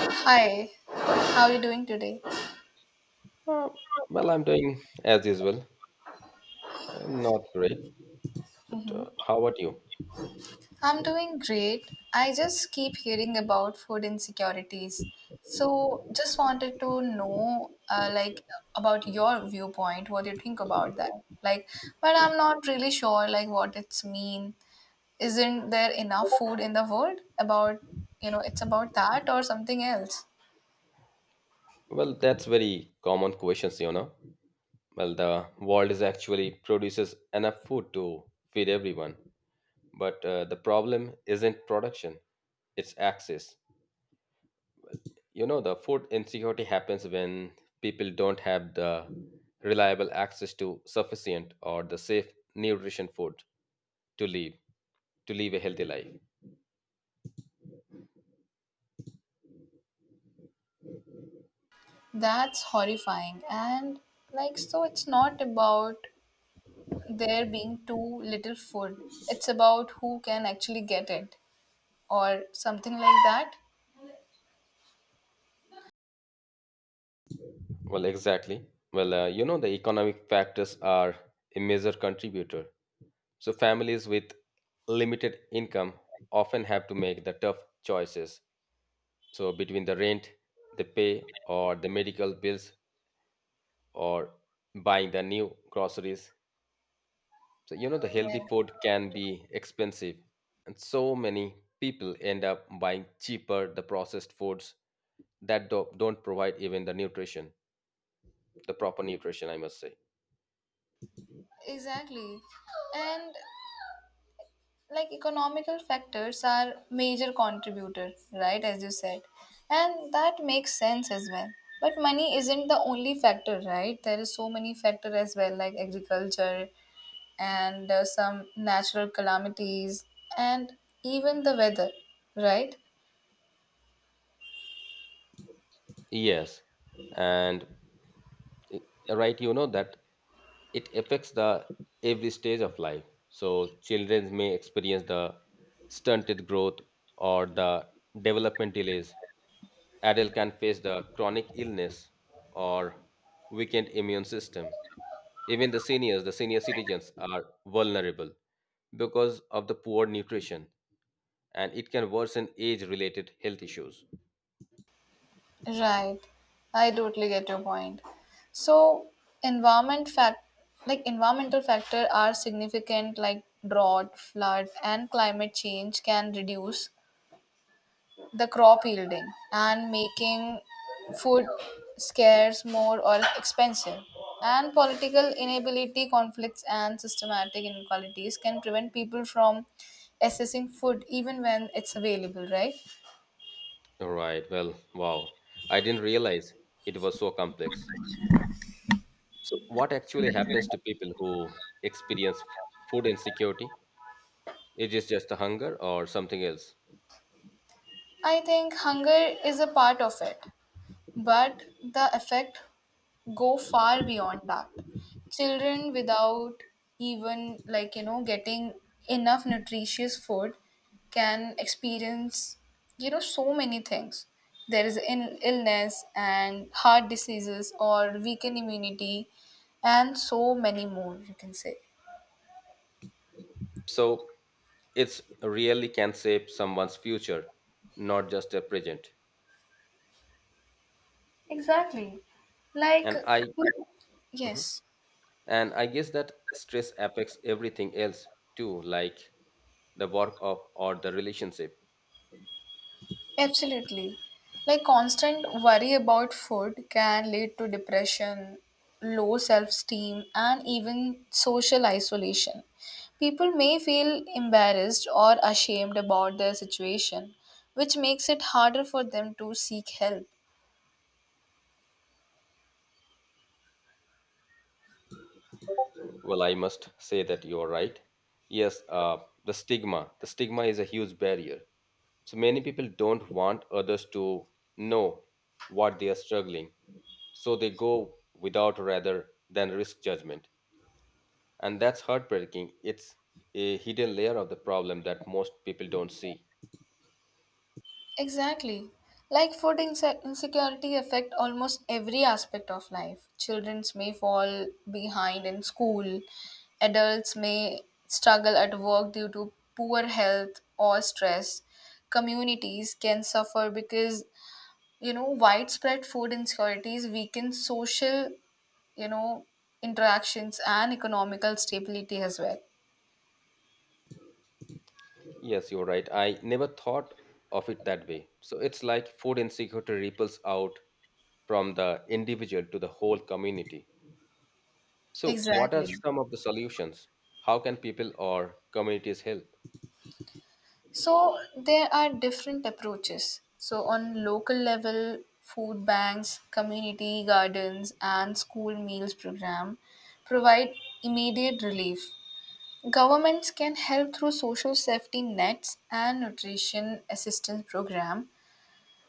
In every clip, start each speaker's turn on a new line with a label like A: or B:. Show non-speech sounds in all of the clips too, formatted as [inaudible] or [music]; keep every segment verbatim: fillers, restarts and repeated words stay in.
A: Hi, how are you doing today?
B: Uh, well, I'm doing as usual. Uh, not great, but
A: hmm
B: uh, how about you?
A: I'm doing great. I just keep hearing about food insecurities. So, just wanted to know uh, like about your viewpoint, what you think about that. Like, but I'm not really sure like what it's mean. Isn't there enough food in the world about, you know, it's about that or something else?
B: Well, that's very common questions, you know. Well, the world is actually produces enough food to feed everyone, but uh, the problem isn't production; it's access. You know, the food insecurity happens when people don't have the reliable access to sufficient or the safe nutrition food to live to live a healthy life.
A: That's horrifying. And like so it's not about there being too little food. It's about who can actually get it or something like that.
B: Well, exactly. Well, uh, you know, the economic factors are a major contributor. So, families with limited income often have to make the tough choices. So, between the rent they pay, or the medical bills, or buying the new groceries. So, you know, the
A: Yeah,
B: healthy food can be expensive. And so many people end up buying cheaper, the processed foods that do- don't provide even the nutrition, the proper nutrition, I must say.
A: exactly. And like economical factors are major contributor, right? As you said. And that makes sense as well. But money isn't the only factor, right? There is so many factor as well, like agriculture and uh, some natural calamities and even the weather, right?
B: Yes, and it- right, you know that it affects the every stage of life. So children may experience the stunted growth or the development delays. Adult can face the chronic illness or weakened immune system. Even the seniors, the senior citizens are vulnerable because of the poor nutrition and it can worsen age related health issues.
A: Right. I totally get your point. So environment fact like environmental factor are significant like drought, flood and climate change can reduce the crop yielding and making food scarce more or expensive. And political inability, conflicts and systematic inequalities can prevent people from accessing food even when it's available, right?
B: All right. Well, wow. I didn't realize it was so complex. So, what actually happens to people who experience f- food insecurity? It is just a hunger or something else.
A: I think hunger is a part of it. But the effect go far beyond that. Children without even like you know getting enough nutritious food can experience you know so many things. There is in illness and heart diseases or weakened immunity and so many more you can say.
B: So, it's really can shape someone's future, not just their present.
A: Exactly. Like,
B: And I mhm,
A: yes.
B: and I guess that stress affects everything else too, like the work of or the relationship.
A: Absolutely. Like constant worry about food can lead to depression, low self esteem, and even social isolation. People may feel embarrassed or ashamed about their situation, which makes it harder for them to seek help.
B: Well, I must say that you are right. Yes, uh, the stigma. The stigma is a huge barrier. So many people don't want others to know what they are struggling, so they go without rather than risk judgment. And that's heartbreaking. It's a hidden layer of the problem that most people don't see.
A: Exactly. Like food inse- insecurity affect almost every aspect of life. Children may fall behind in school. Adults may struggle at work due to poor health or stress. Communities can suffer because you know widespread food insecurities weaken social, you know, interactions and economical stability as well.
B: Yes, you're right. I never thought of it that way. So it's like food insecurity ripples out from the individual to the whole community. So, what are
A: Exactly.
B: some of the solutions? How can people or communities help?
A: So there are different approaches. So on local level, food banks, community gardens, and school meals program provide immediate relief. Governments can help through social safety nets and nutrition assistance program,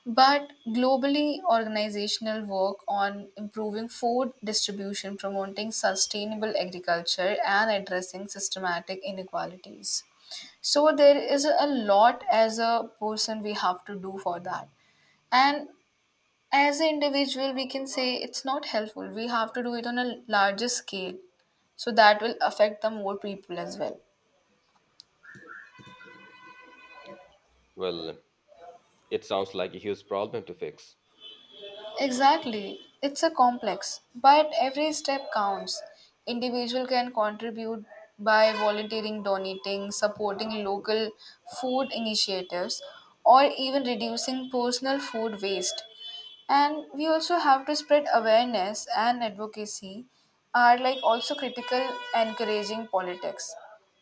A: but globally organizational work on improving food distribution, promoting sustainable agriculture and addressing systematic inequalities. So there is a lot as a person we have to do for that, and as an individual we can say it's not helpful, we have to do it on a larger scale, so that will affect the more people as well.
B: Well, it sounds like a huge problem to fix.
A: Exactly. It's a complex, but every step counts. Individual can contribute by volunteering, donating, supporting local food initiatives, or even reducing personal food waste. And we also have to spread awareness and advocacy are like also critical encouraging politics.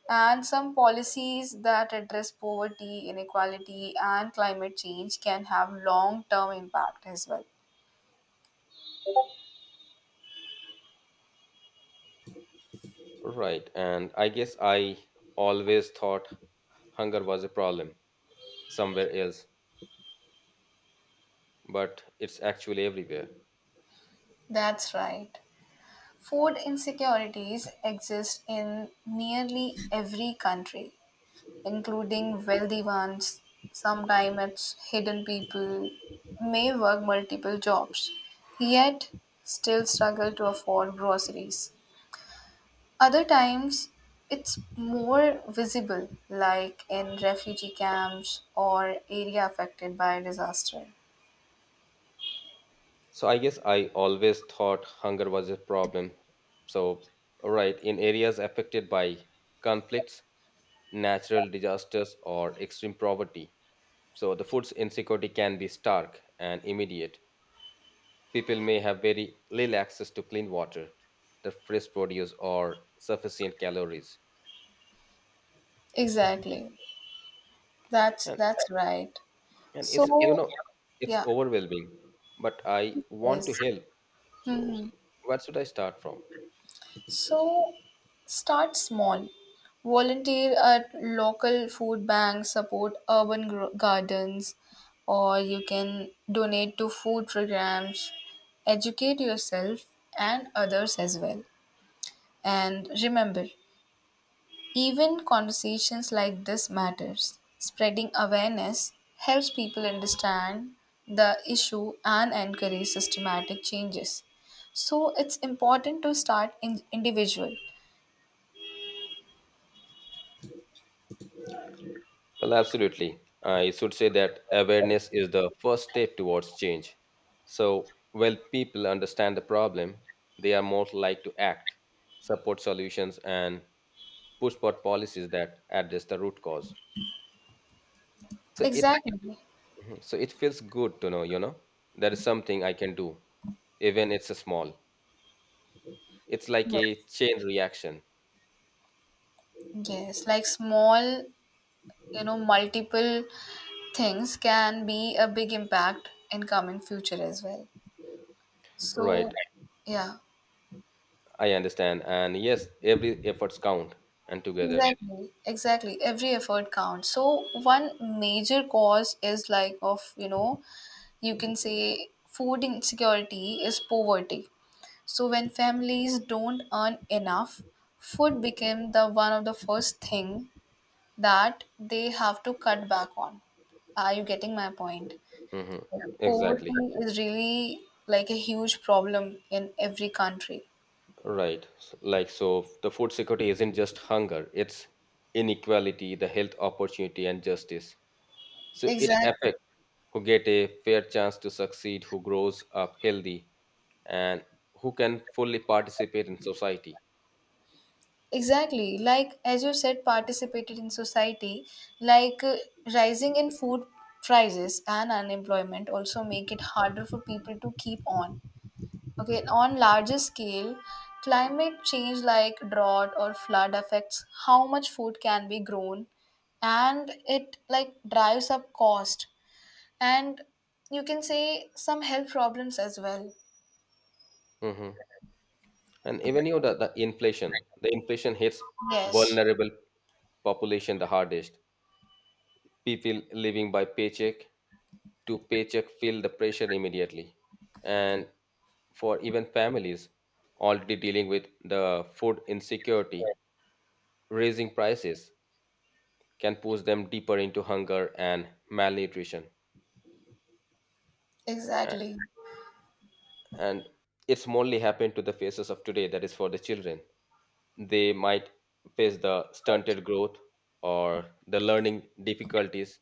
A: And some policies that address poverty, inequality, and climate change can have long term impact as well.
B: Right. And I guess I always thought hunger was a problem somewhere else, but it's actually everywhere.
A: That's right. Food insecurities exist in nearly every country, including wealthy ones. Sometimes it's hidden people may work multiple jobs, yet still struggle to afford groceries. Other times, it's more visible, like in refugee camps or area affected by disaster.
B: So I guess I always thought hunger was a problem. So, right, in areas affected by conflicts, natural disasters, or extreme poverty. So the food's insecurity can be stark and immediate. People may have very little access to clean water, the fresh produce, or sufficient calories.
A: Exactly. That's
B: And
A: that's right.
B: and it's you
A: So,
B: know it's
A: yeah.
B: overwhelming, but I want
A: Yes.
B: to help, so
A: hmm
B: where should I start from?
A: So start small. Volunteer at local food banks, support urban gro- gardens, or you can donate to food programs. Educate yourself and others as well. And remember, even conversations like this matters. Spreading awareness helps people understand the issue and encourage systematic changes. So it's important to start in individual.
B: Well, absolutely, I should say that awareness is the first step towards change. So when people understand the problem, they are more likely to act, support solutions, and push for policies that address the root cause. So it
A: Exactly.
B: mhm, so it feels good to know, you know, there is something I can do, even it's a small. It's like a
A: Yes.
B: chain reaction.
A: Yes, like small, you know, multiple things can be a big impact in coming future as well. So,
B: Right.
A: yeah.
B: I understand. And yes, every efforts count and together.
A: Exactly, exactly. Every effort counts. So one major cause is like of, you know, you can say food insecurity is poverty. So when families don't earn enough, food became the one of the first thing that they have to cut back on. Are you getting my point?
B: Hmm.
A: Yeah.
B: Exactly.
A: Poverty is really like a huge problem in every country.
B: Right. S- Like so the food security isn't just hunger, it's inequality, the health opportunity and justice. So it
A: Exactly.
B: affects who get a fair chance to succeed, who grows up healthy, and who can fully participate in society.
A: Exactly. Like, as you said, participated in society, like uh, rising in food prices and unemployment also make it harder for people to keep on. Okay, on larger scale, climate change like drought or flood affects how much food can be grown and it like drives up cost and you can say some health problems as well.
B: Mhm. And even you know the, the inflation, the inflation hits
A: Yes,
B: vulnerable population the hardest. People living by paycheck to paycheck feel the pressure immediately. And for even families already dealing with the food insecurity, raising prices can push them deeper into hunger and malnutrition. A-
A: exactly.
B: And it's mostly happened to the faces of today, that is for the children. They might face the stunted growth or the learning difficulties.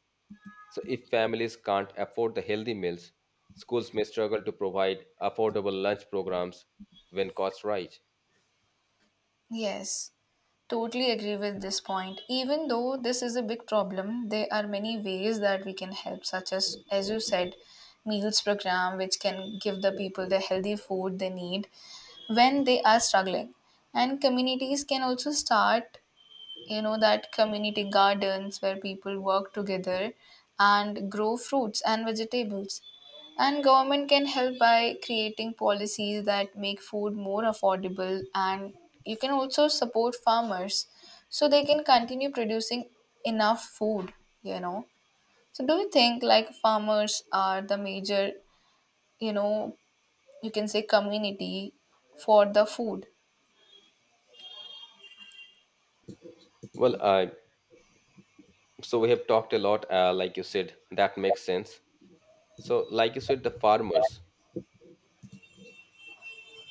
B: So, if families can't afford the healthy meals, schools may struggle to provide affordable lunch programs when costs rise.
A: Yes, totally agree with this point. Even though this is a big problem, there are many ways that we can help, such as, as you said, meals program, which can give the people the healthy food they need when they are struggling. And communities can also start you know that community gardens where people work together and grow fruits and vegetables, and government can help by creating policies that make food more affordable, and you can also support farmers so they can continue producing enough food, you know. So do you think like farmers are the major, you know, you can say community for the food?
B: Well, uh, so we have talked a lot, uh, like you said, that makes sense. So, like you said, the farmers.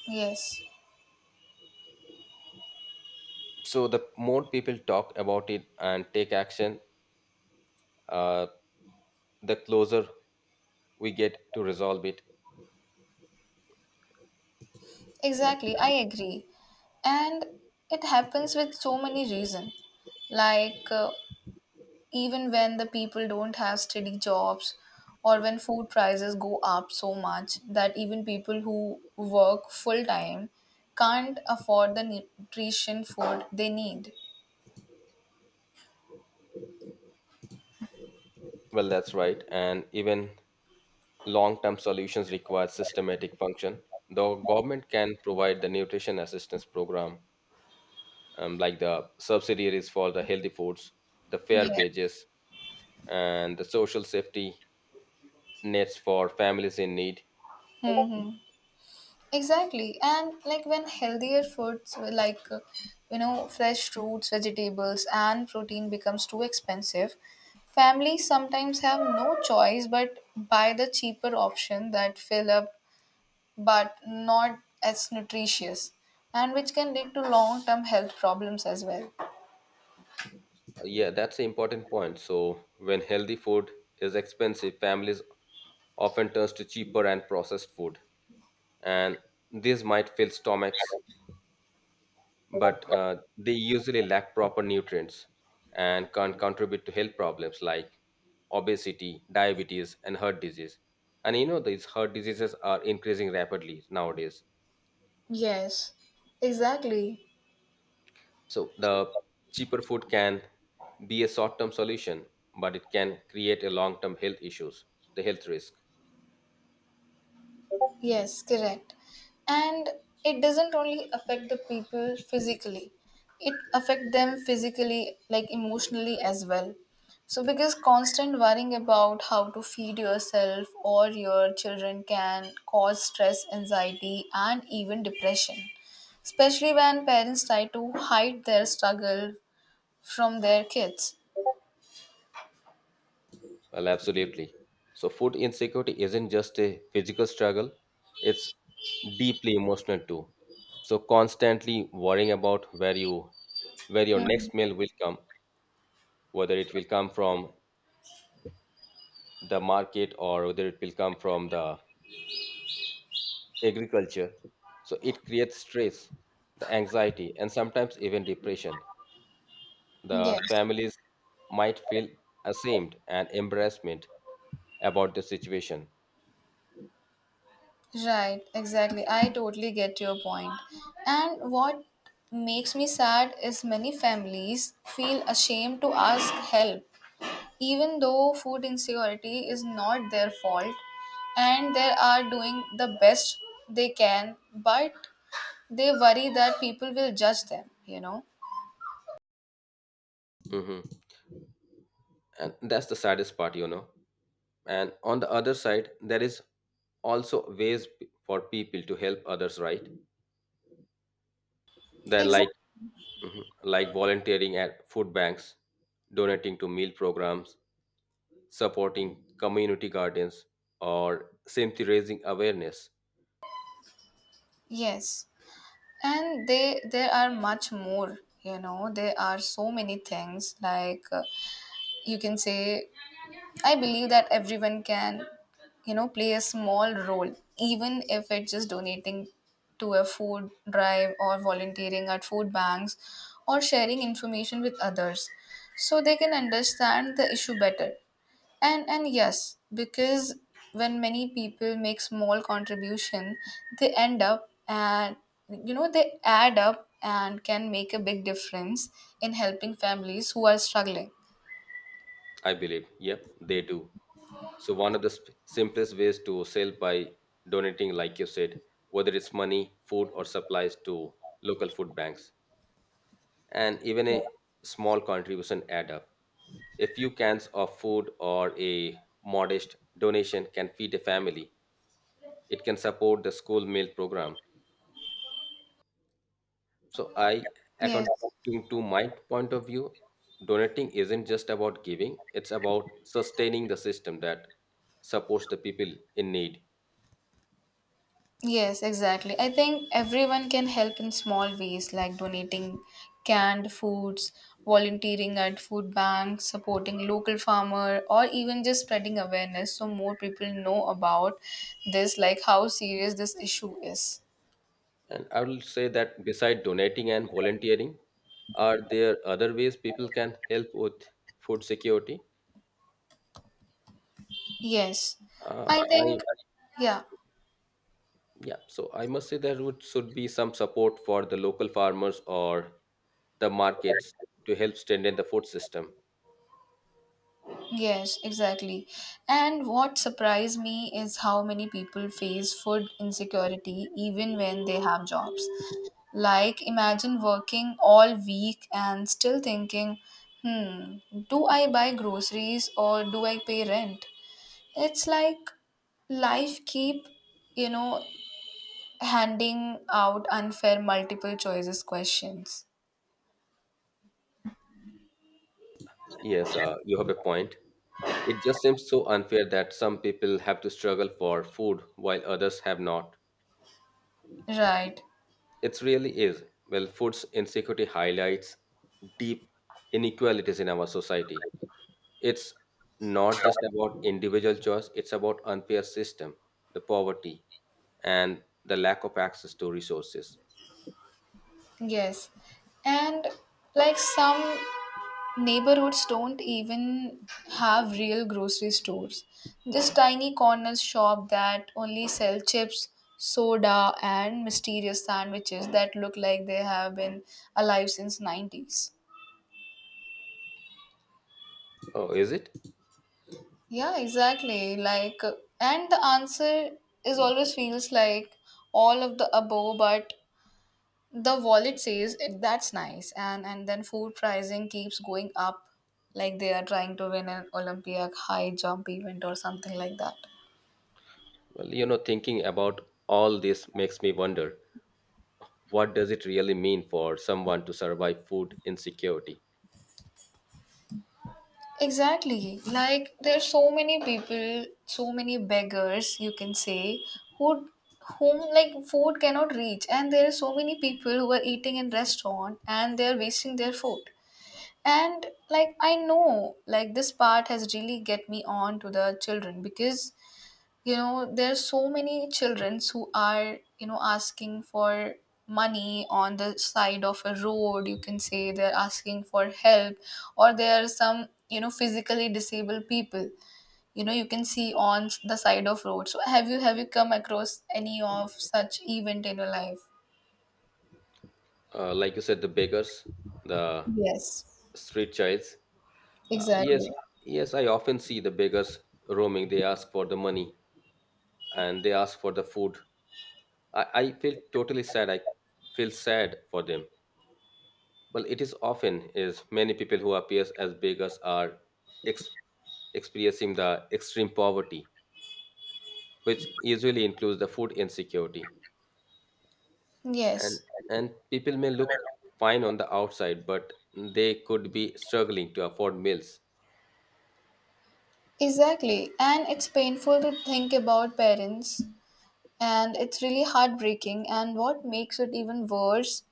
A: Yes.
B: So, the more people talk about it and take action, uh, the closer we get to resolve it.
A: Exactly, I agree. And it happens with so many reasons. Like, uh, even when the people don't have steady jobs, or when food prices go up so much that even people who work full time can't afford the nutrition food they need.
B: Well, that's right. And even long-term solutions require systematic function. The government can provide the nutrition assistance program, um, like the subsidiaries for the healthy foods, the fair
A: Yeah.
B: wages, and the social safety nets for families in need.
A: [laughs] hmm Exactly. And like when healthier foods were like, uh, you know, fresh fruits, vegetables, and protein becomes too expensive, families sometimes have no choice but buy the cheaper option that fill up but not as nutritious and which can lead to long-term health problems as well.
B: Uh, Yeah, that's an important point. So when healthy food is expensive, families often turns to cheaper and processed food, and this might fill stomachs but uh, they usually lack proper nutrients and can contribute to health problems like obesity, diabetes, and heart disease. And you know, these heart diseases are increasing rapidly nowadays.
A: Yes, exactly.
B: So, the cheaper food can be a short term solution, but it can create a long term health issues, the health risk.
A: Yes, correct. And it doesn't only affect the people physically. It affect them physically like emotionally as well. So because constant worrying about how to feed yourself or your children can cause stress, anxiety and even depression. Especially when parents try to hide their struggle from their kids.
B: Well, absolutely. So, food insecurity isn't just a physical struggle, it's deeply emotional too. So, constantly worrying about where you where your
A: Hmm.
B: next meal will come, whether it will come from the market or whether it will come from the agriculture. So, it creates stress, the anxiety, and sometimes even depression. The
A: Yes.
B: families might feel ashamed and embarrassment about the situation.
A: Right, exactly. I totally get your point. And what makes me sad is many families feel ashamed to ask help, even though food insecurity is not their fault and they are doing the best they can, but they worry that people will judge them, you know.
B: Hmm. And that's the saddest part, you know. And on the other side there is also ways p- for people to help others, right? They like
A: Exactly.
B: mhm, like volunteering at food banks, donating to meal programs, supporting community gardens, or simply raising awareness.
A: Yes. And they there are much more, you know, there are so many things like uh, you can say I believe that everyone can, you know, play a small role, even if it's just donating to a food drive or volunteering at food banks or sharing information with others so they can understand the issue better. And and yes, because when many people make small contribution, they end up and you know they add up and can make a big difference in helping families who are struggling.
B: I believe yep they do. So one of the sp- simplest ways to help by donating, like you said, whether it's money, food, or supplies to local food banks. And even a small contribution add up. A few cans of food or a modest donation can feed a family. It can support the school meal program. So I,
A: Yes.
B: according to my point of view, donating isn't just about giving, it's about sustaining the system that supports the people in need.
A: Yes, exactly. I think everyone can help in small ways like donating canned foods, volunteering at food banks, supporting local farmer or even just spreading awareness so more people know about this like how serious this issue is.
B: And I will say that beside donating and volunteering, are there other ways people can help with food security?
A: Yes.
B: Uh,
A: I
B: I
A: think yeah.
B: Yeah, so I must say there would should be some support for the local farmers or the markets to help strengthen the food system.
A: Yes, exactly. And what surprised me is how many people face food insecurity even when they have jobs. Like, imagine working all week and still thinking, hmm, do I buy groceries or do I pay rent? It's like life keep, you know, handing out unfair multiple choices questions.
B: Yes, uh, you have a point. It just seems so unfair that some people have to struggle for food while others have not.
A: Right.
B: It really is. Well, food insecurity highlights deep inequalities in our society. It's not just about individual choice, it's about unfair system, the poverty, and the lack of access to resources.
A: Yes. And like some neighborhoods don't even have real grocery stores. Just tiny corner shop that only sell chips, soda and mysterious sandwiches that look like they have been alive since nineties.
B: Oh, is it?
A: Yeah, exactly. Like uh, and the answer is always feels like all of the above but the wallet says it, that's nice, and and then food pricing keeps going up like they are trying to win an Olympic high jump event or something like that.
B: Well, you know, thinking about all this makes me wonder, what does it really mean for someone to survive food insecurity?
A: Exactly. Like there's so many people, so many beggars you can say who whom like food cannot reach and there are so many people who are eating in restaurant and they're wasting their food. And like I know like this part has really get me on to the children because you know there's so many children who are you know asking for money on the side of a road you can say they're asking for help, or there are some you know physically disabled people, you know you can see on the side of road. So have you have you come across any of such event in your life?
B: Uh, like you said, the beggars, the
A: Yes,
B: street childs. Uh, yes,
A: exactly.
B: yes, I often see the beggars roaming. They ask for the money and they ask for the food. I, I feel totally sad. I feel sad for them. Well, it is often is many people who appears as beggars are ex- experiencing the extreme poverty which usually includes the food insecurity. And
A: Yes,
B: and people may look fine on the outside, but they could be struggling to afford meals.
A: exactly. And it's painful to think about parents, and it's really heartbreaking. And what makes it even worse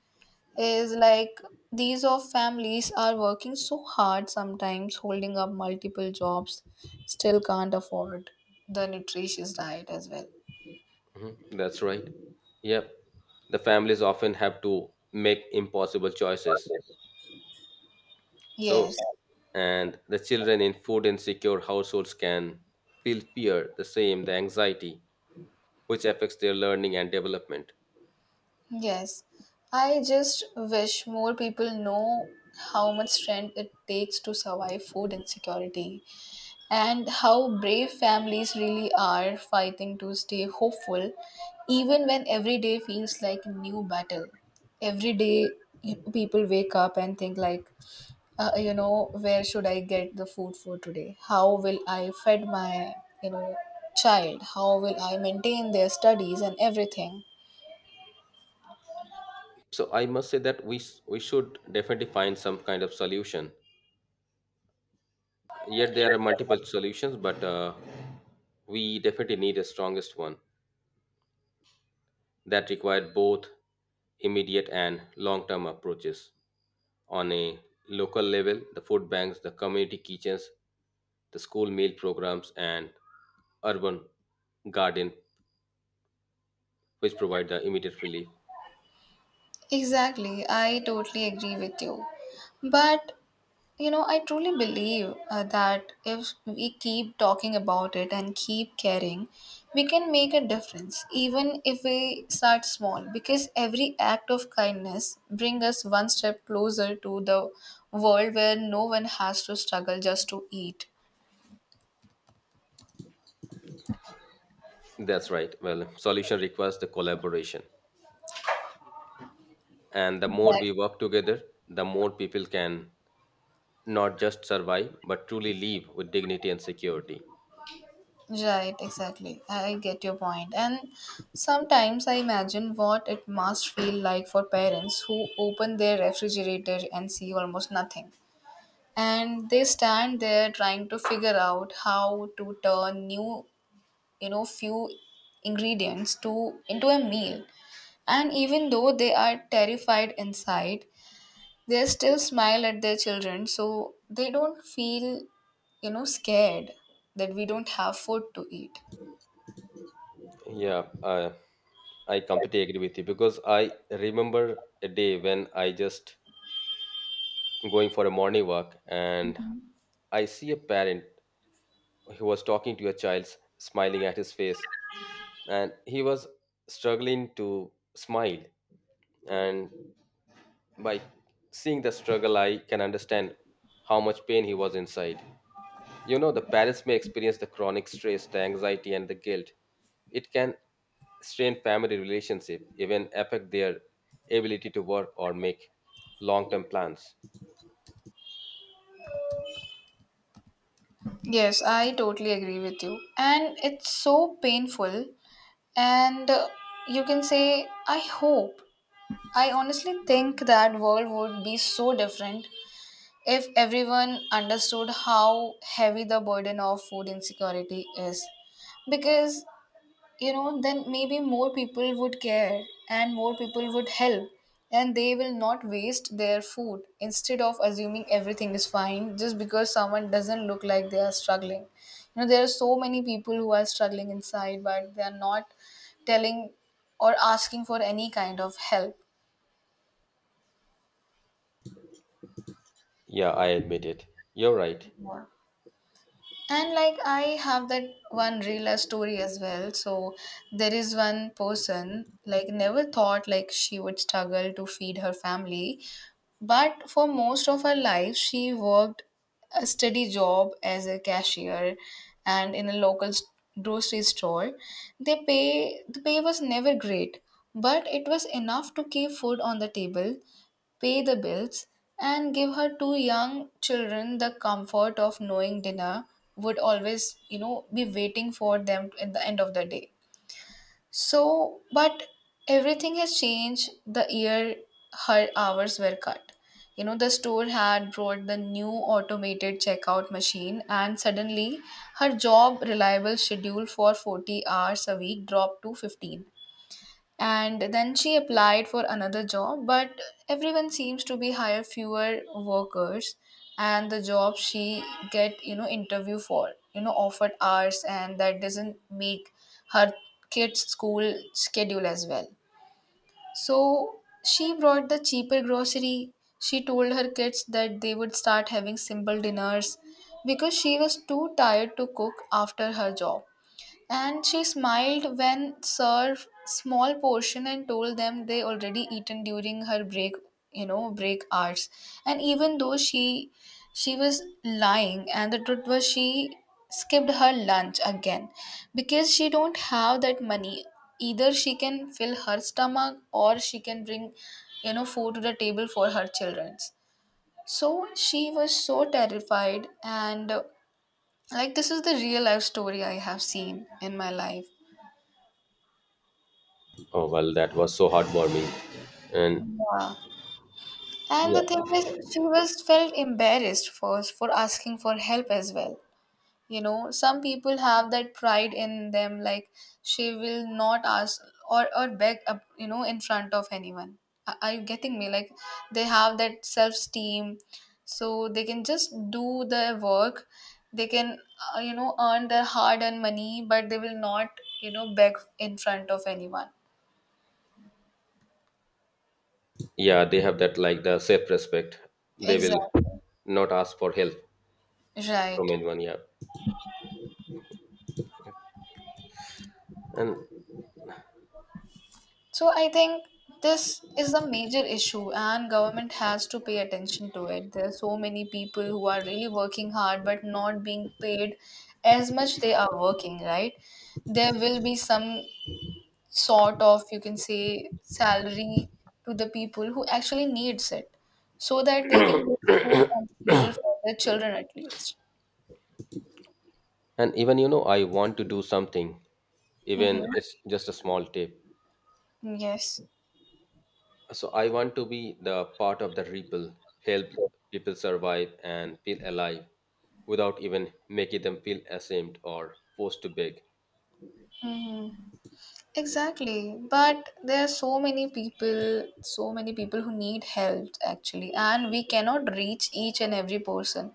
A: is like these of families are working so hard, sometimes holding up multiple jobs, still can't afford the nutritious diet as well.
B: Mhm. That's right. Yep. The families often have to make impossible choices. So
A: Yes.
B: and the children in food insecure households can feel fear, the same, the anxiety, which affects their learning and development.
A: Yes, I just wish more people know how much strength it takes to survive food insecurity, and how brave families really are fighting to stay hopeful even when every day feels like a new battle. Every day you- people wake up and think like, uh, you know, where should I get the food for today? How will I fed my, you know child? How will I maintain their studies and everything?
B: So I must say that we s- we should definitely find some kind of solution. Yet there are multiple solutions, but uh, we definitely need a strongest one that require both immediate and long-term approaches. On a local level, the food banks, the community kitchens, the school meal programs, and urban garden, which provide the immediate relief.
A: Exactly, I totally agree with you. But you know, I truly believe uh, that if we keep talking about it and keep caring, we can make a difference, even if we start small, because every act of kindness brings us one step closer to the world where no one has to struggle just to eat.
B: That's right. Well, solution requires the collaboration, and the more
A: Right,
B: we work together, the more people can not just survive but truly live with dignity and security.
A: right, exactly. I get your point. And sometimes I imagine what it must feel like for parents who open their refrigerator and see almost nothing, and they stand there trying to figure out how to turn new, you know few ingredients to into a meal. And even though they are terrified inside, they still smile at their children so they don't feel, you know scared, that we don't have food to eat.
B: Yeah, uh, I completely agree with you because I remember a day when I just going for a morning walk and I see a parent who was talking to a child, smiling at his face, and he was struggling to smile. And by seeing the struggle, I can understand how much pain he was inside. You know, the parents may experience the chronic stress, the anxiety, and the guilt. It can strain family relationship, even affect their ability to work or make long-term plans.
A: Yes, I totally agree with you. And it's so painful. And uh, you can say, I hope. I honestly think that world would be so different if everyone understood how heavy the burden of food insecurity is, because you know, then maybe more people would care and more people would help, and they will not waste their food instead of assuming everything is fine just because someone doesn't look like they are struggling. You know, there are so many people who are struggling inside, but they are not telling or asking for any kind of help.
B: Yeah, I admit it. You're right.
A: Yeah. And like I have that one real story as well. So there is one person like never thought like she would struggle to feed her family, but for most of her life, she worked a steady job as a cashier and in a local s- grocery store. They pay the pay was never great, but it was enough to keep food on the table, pay the bills, and give her two young children the comfort of knowing dinner would always, you know, be waiting for them at the end of the day. So, but everything has changed the year her hours were cut. You know, the store had brought the new automated checkout machine, and suddenly her job reliable schedule for forty hours a week dropped to fifteen, and then she applied for another job, but everyone seems to be hire fewer workers. And the job she get, you know interview for, you know offered hours and that doesn't make her kids school schedule as well. So she brought the cheaper grocery. She told her kids that they would start having simple dinners because she was too tired to cook after her job. And she smiled when served small portion and told them they already eaten during her break, you know, break hours. And even though she she was lying, and the truth was she skipped her lunch again because she don't have that money. Either she can fill her stomach or she can bring, you know, food to the table for her children's. So she was so terrified and uh, like this is the real life story I have seen in my life.
B: Oh well, that was so heartwarming, and
A: Yeah. And the thing
B: yeah,
A: is, she was felt embarrassed first for asking for help as well. You know, some people have that pride in them, like she will not ask, or or beg up, you know, in front of anyone. Are are you getting me? Like they have that self-esteem, so they can just do their work. They can, uh, you know, earn their hard-earned money, but they will not, you know, beg in front of anyone.
B: yeah, they have that like the self-respect. They will
A: Exactly.
B: not ask for help
A: Right.
B: from anyone. Yeah, and
A: So I think this is the major issue and government has to pay attention to it. There are so many people who are really working hard but not being paid as much they are working, right? There will be some sort of you can say salary to the people who actually needs it, so that they can get food on the table for their children at least.
B: and even you know, I want to do something,
A: Mm-hmm.
B: even it's just a small tip.
A: Yes.
B: So I want to be the part of the rebuild, help people survive and feel alive without even making them feel ashamed or forced to beg.
A: Mm-hmm. Exactly, but there are so many people, so many people who need help actually, and we cannot reach each and every person,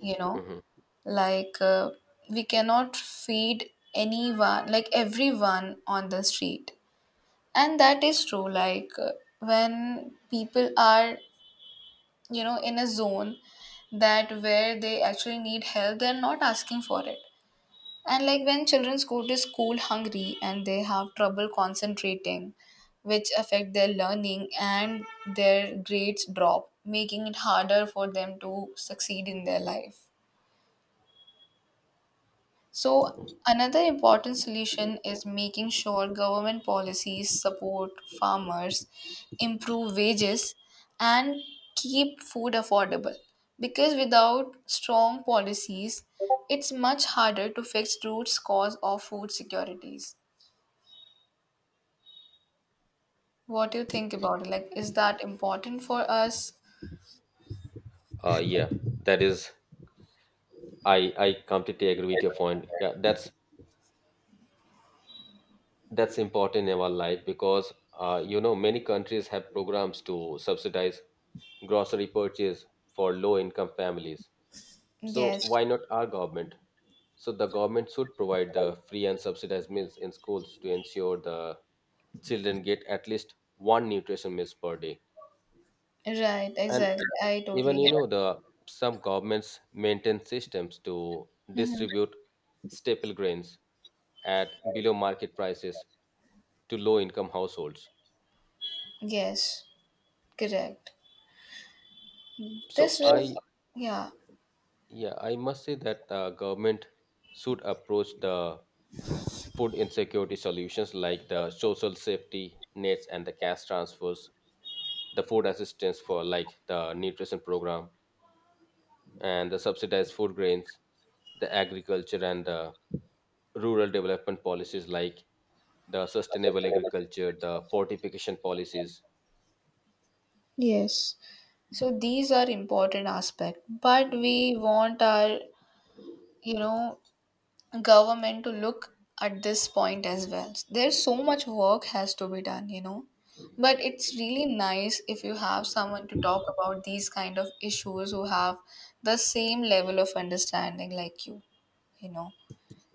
A: you know,
B: Hmm.
A: like uh, we cannot feed anyone, like everyone on the street. And that is true, like uh, when people are, you know, in a zone that where they actually need help, they're not asking for it. And like when children go to school hungry and they have trouble concentrating, which affect their learning and their grades drop, making it harder for them to succeed in their life. So another important solution is making sure government policies support farmers, improve wages, and keep food affordable. Because without strong policies, it's much harder to fix root cause of food securities. What do you think about it? Like, is that important for us?
B: Uh, yeah, that is. I I completely agree with your point. Yeah, that's that's important in our life because uh, you know many countries have programs to subsidize grocery purchase for low income families. So
A: Yes,
B: why not our government? So the government should provide the free and subsidized meals in schools to ensure the children get at least one nutrition meals per day.
A: right,
B: And
A: exactly. I
B: even
A: totally
B: you
A: get.
B: know the some governments maintain systems to
A: Mm-hmm.
B: distribute staple grains at below market prices to low income households.
A: Yes, correct.
B: So
A: This was,
B: I
A: yeah,
B: yeah, I must say that uh, government should approach the food insecurity solutions like the social safety nets and the cash transfers, the food assistance for like the nutrition program and the subsidized food grains, the agriculture and the rural development policies like the sustainable agriculture, the fortification policies.
A: yes. So these are important aspect, but we want our, you know, government to look at this point as well. There's so much work has to be done, you know. But it's really nice if you have someone to talk about these kind of issues who have the same level of understanding like you you know.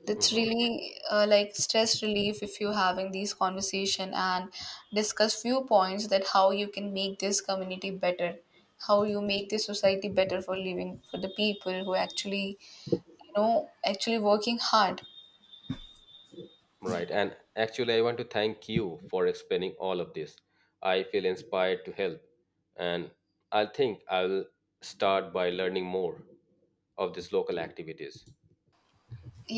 A: It's
B: Mhm.
A: really uh, like stress relief if you're having these conversation and discuss few points that how you can make this community better, how you make this society better for living for the people who actually, you know actually working hard.
B: Right. And actually, I want to thank you for explaining all of this. I feel inspired to help. And I think I'll start by learning more of these local activities.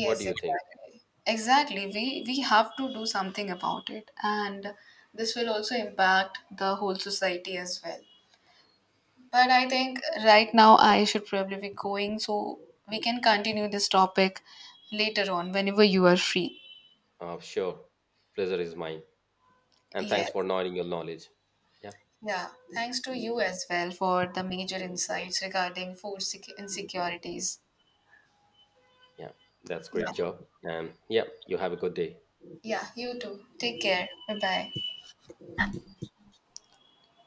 B: What do you think?
A: exactly. Exactly. We we have to do something about it, and this will also impact the whole society as well. But I think right now I should probably be going, so we can continue this topic later on whenever you are free.
B: Uh, sure. Pleasure is mine. And thanks for
A: Yes.
B: nodding your knowledge. Yeah.
A: Yeah. Thanks to you as well for the major insights regarding food sec- insecurities.
B: Yeah. That's
A: Yeah.
B: great job. And yeah, you have a good day.
A: Yeah, you too. Take care. Bye bye.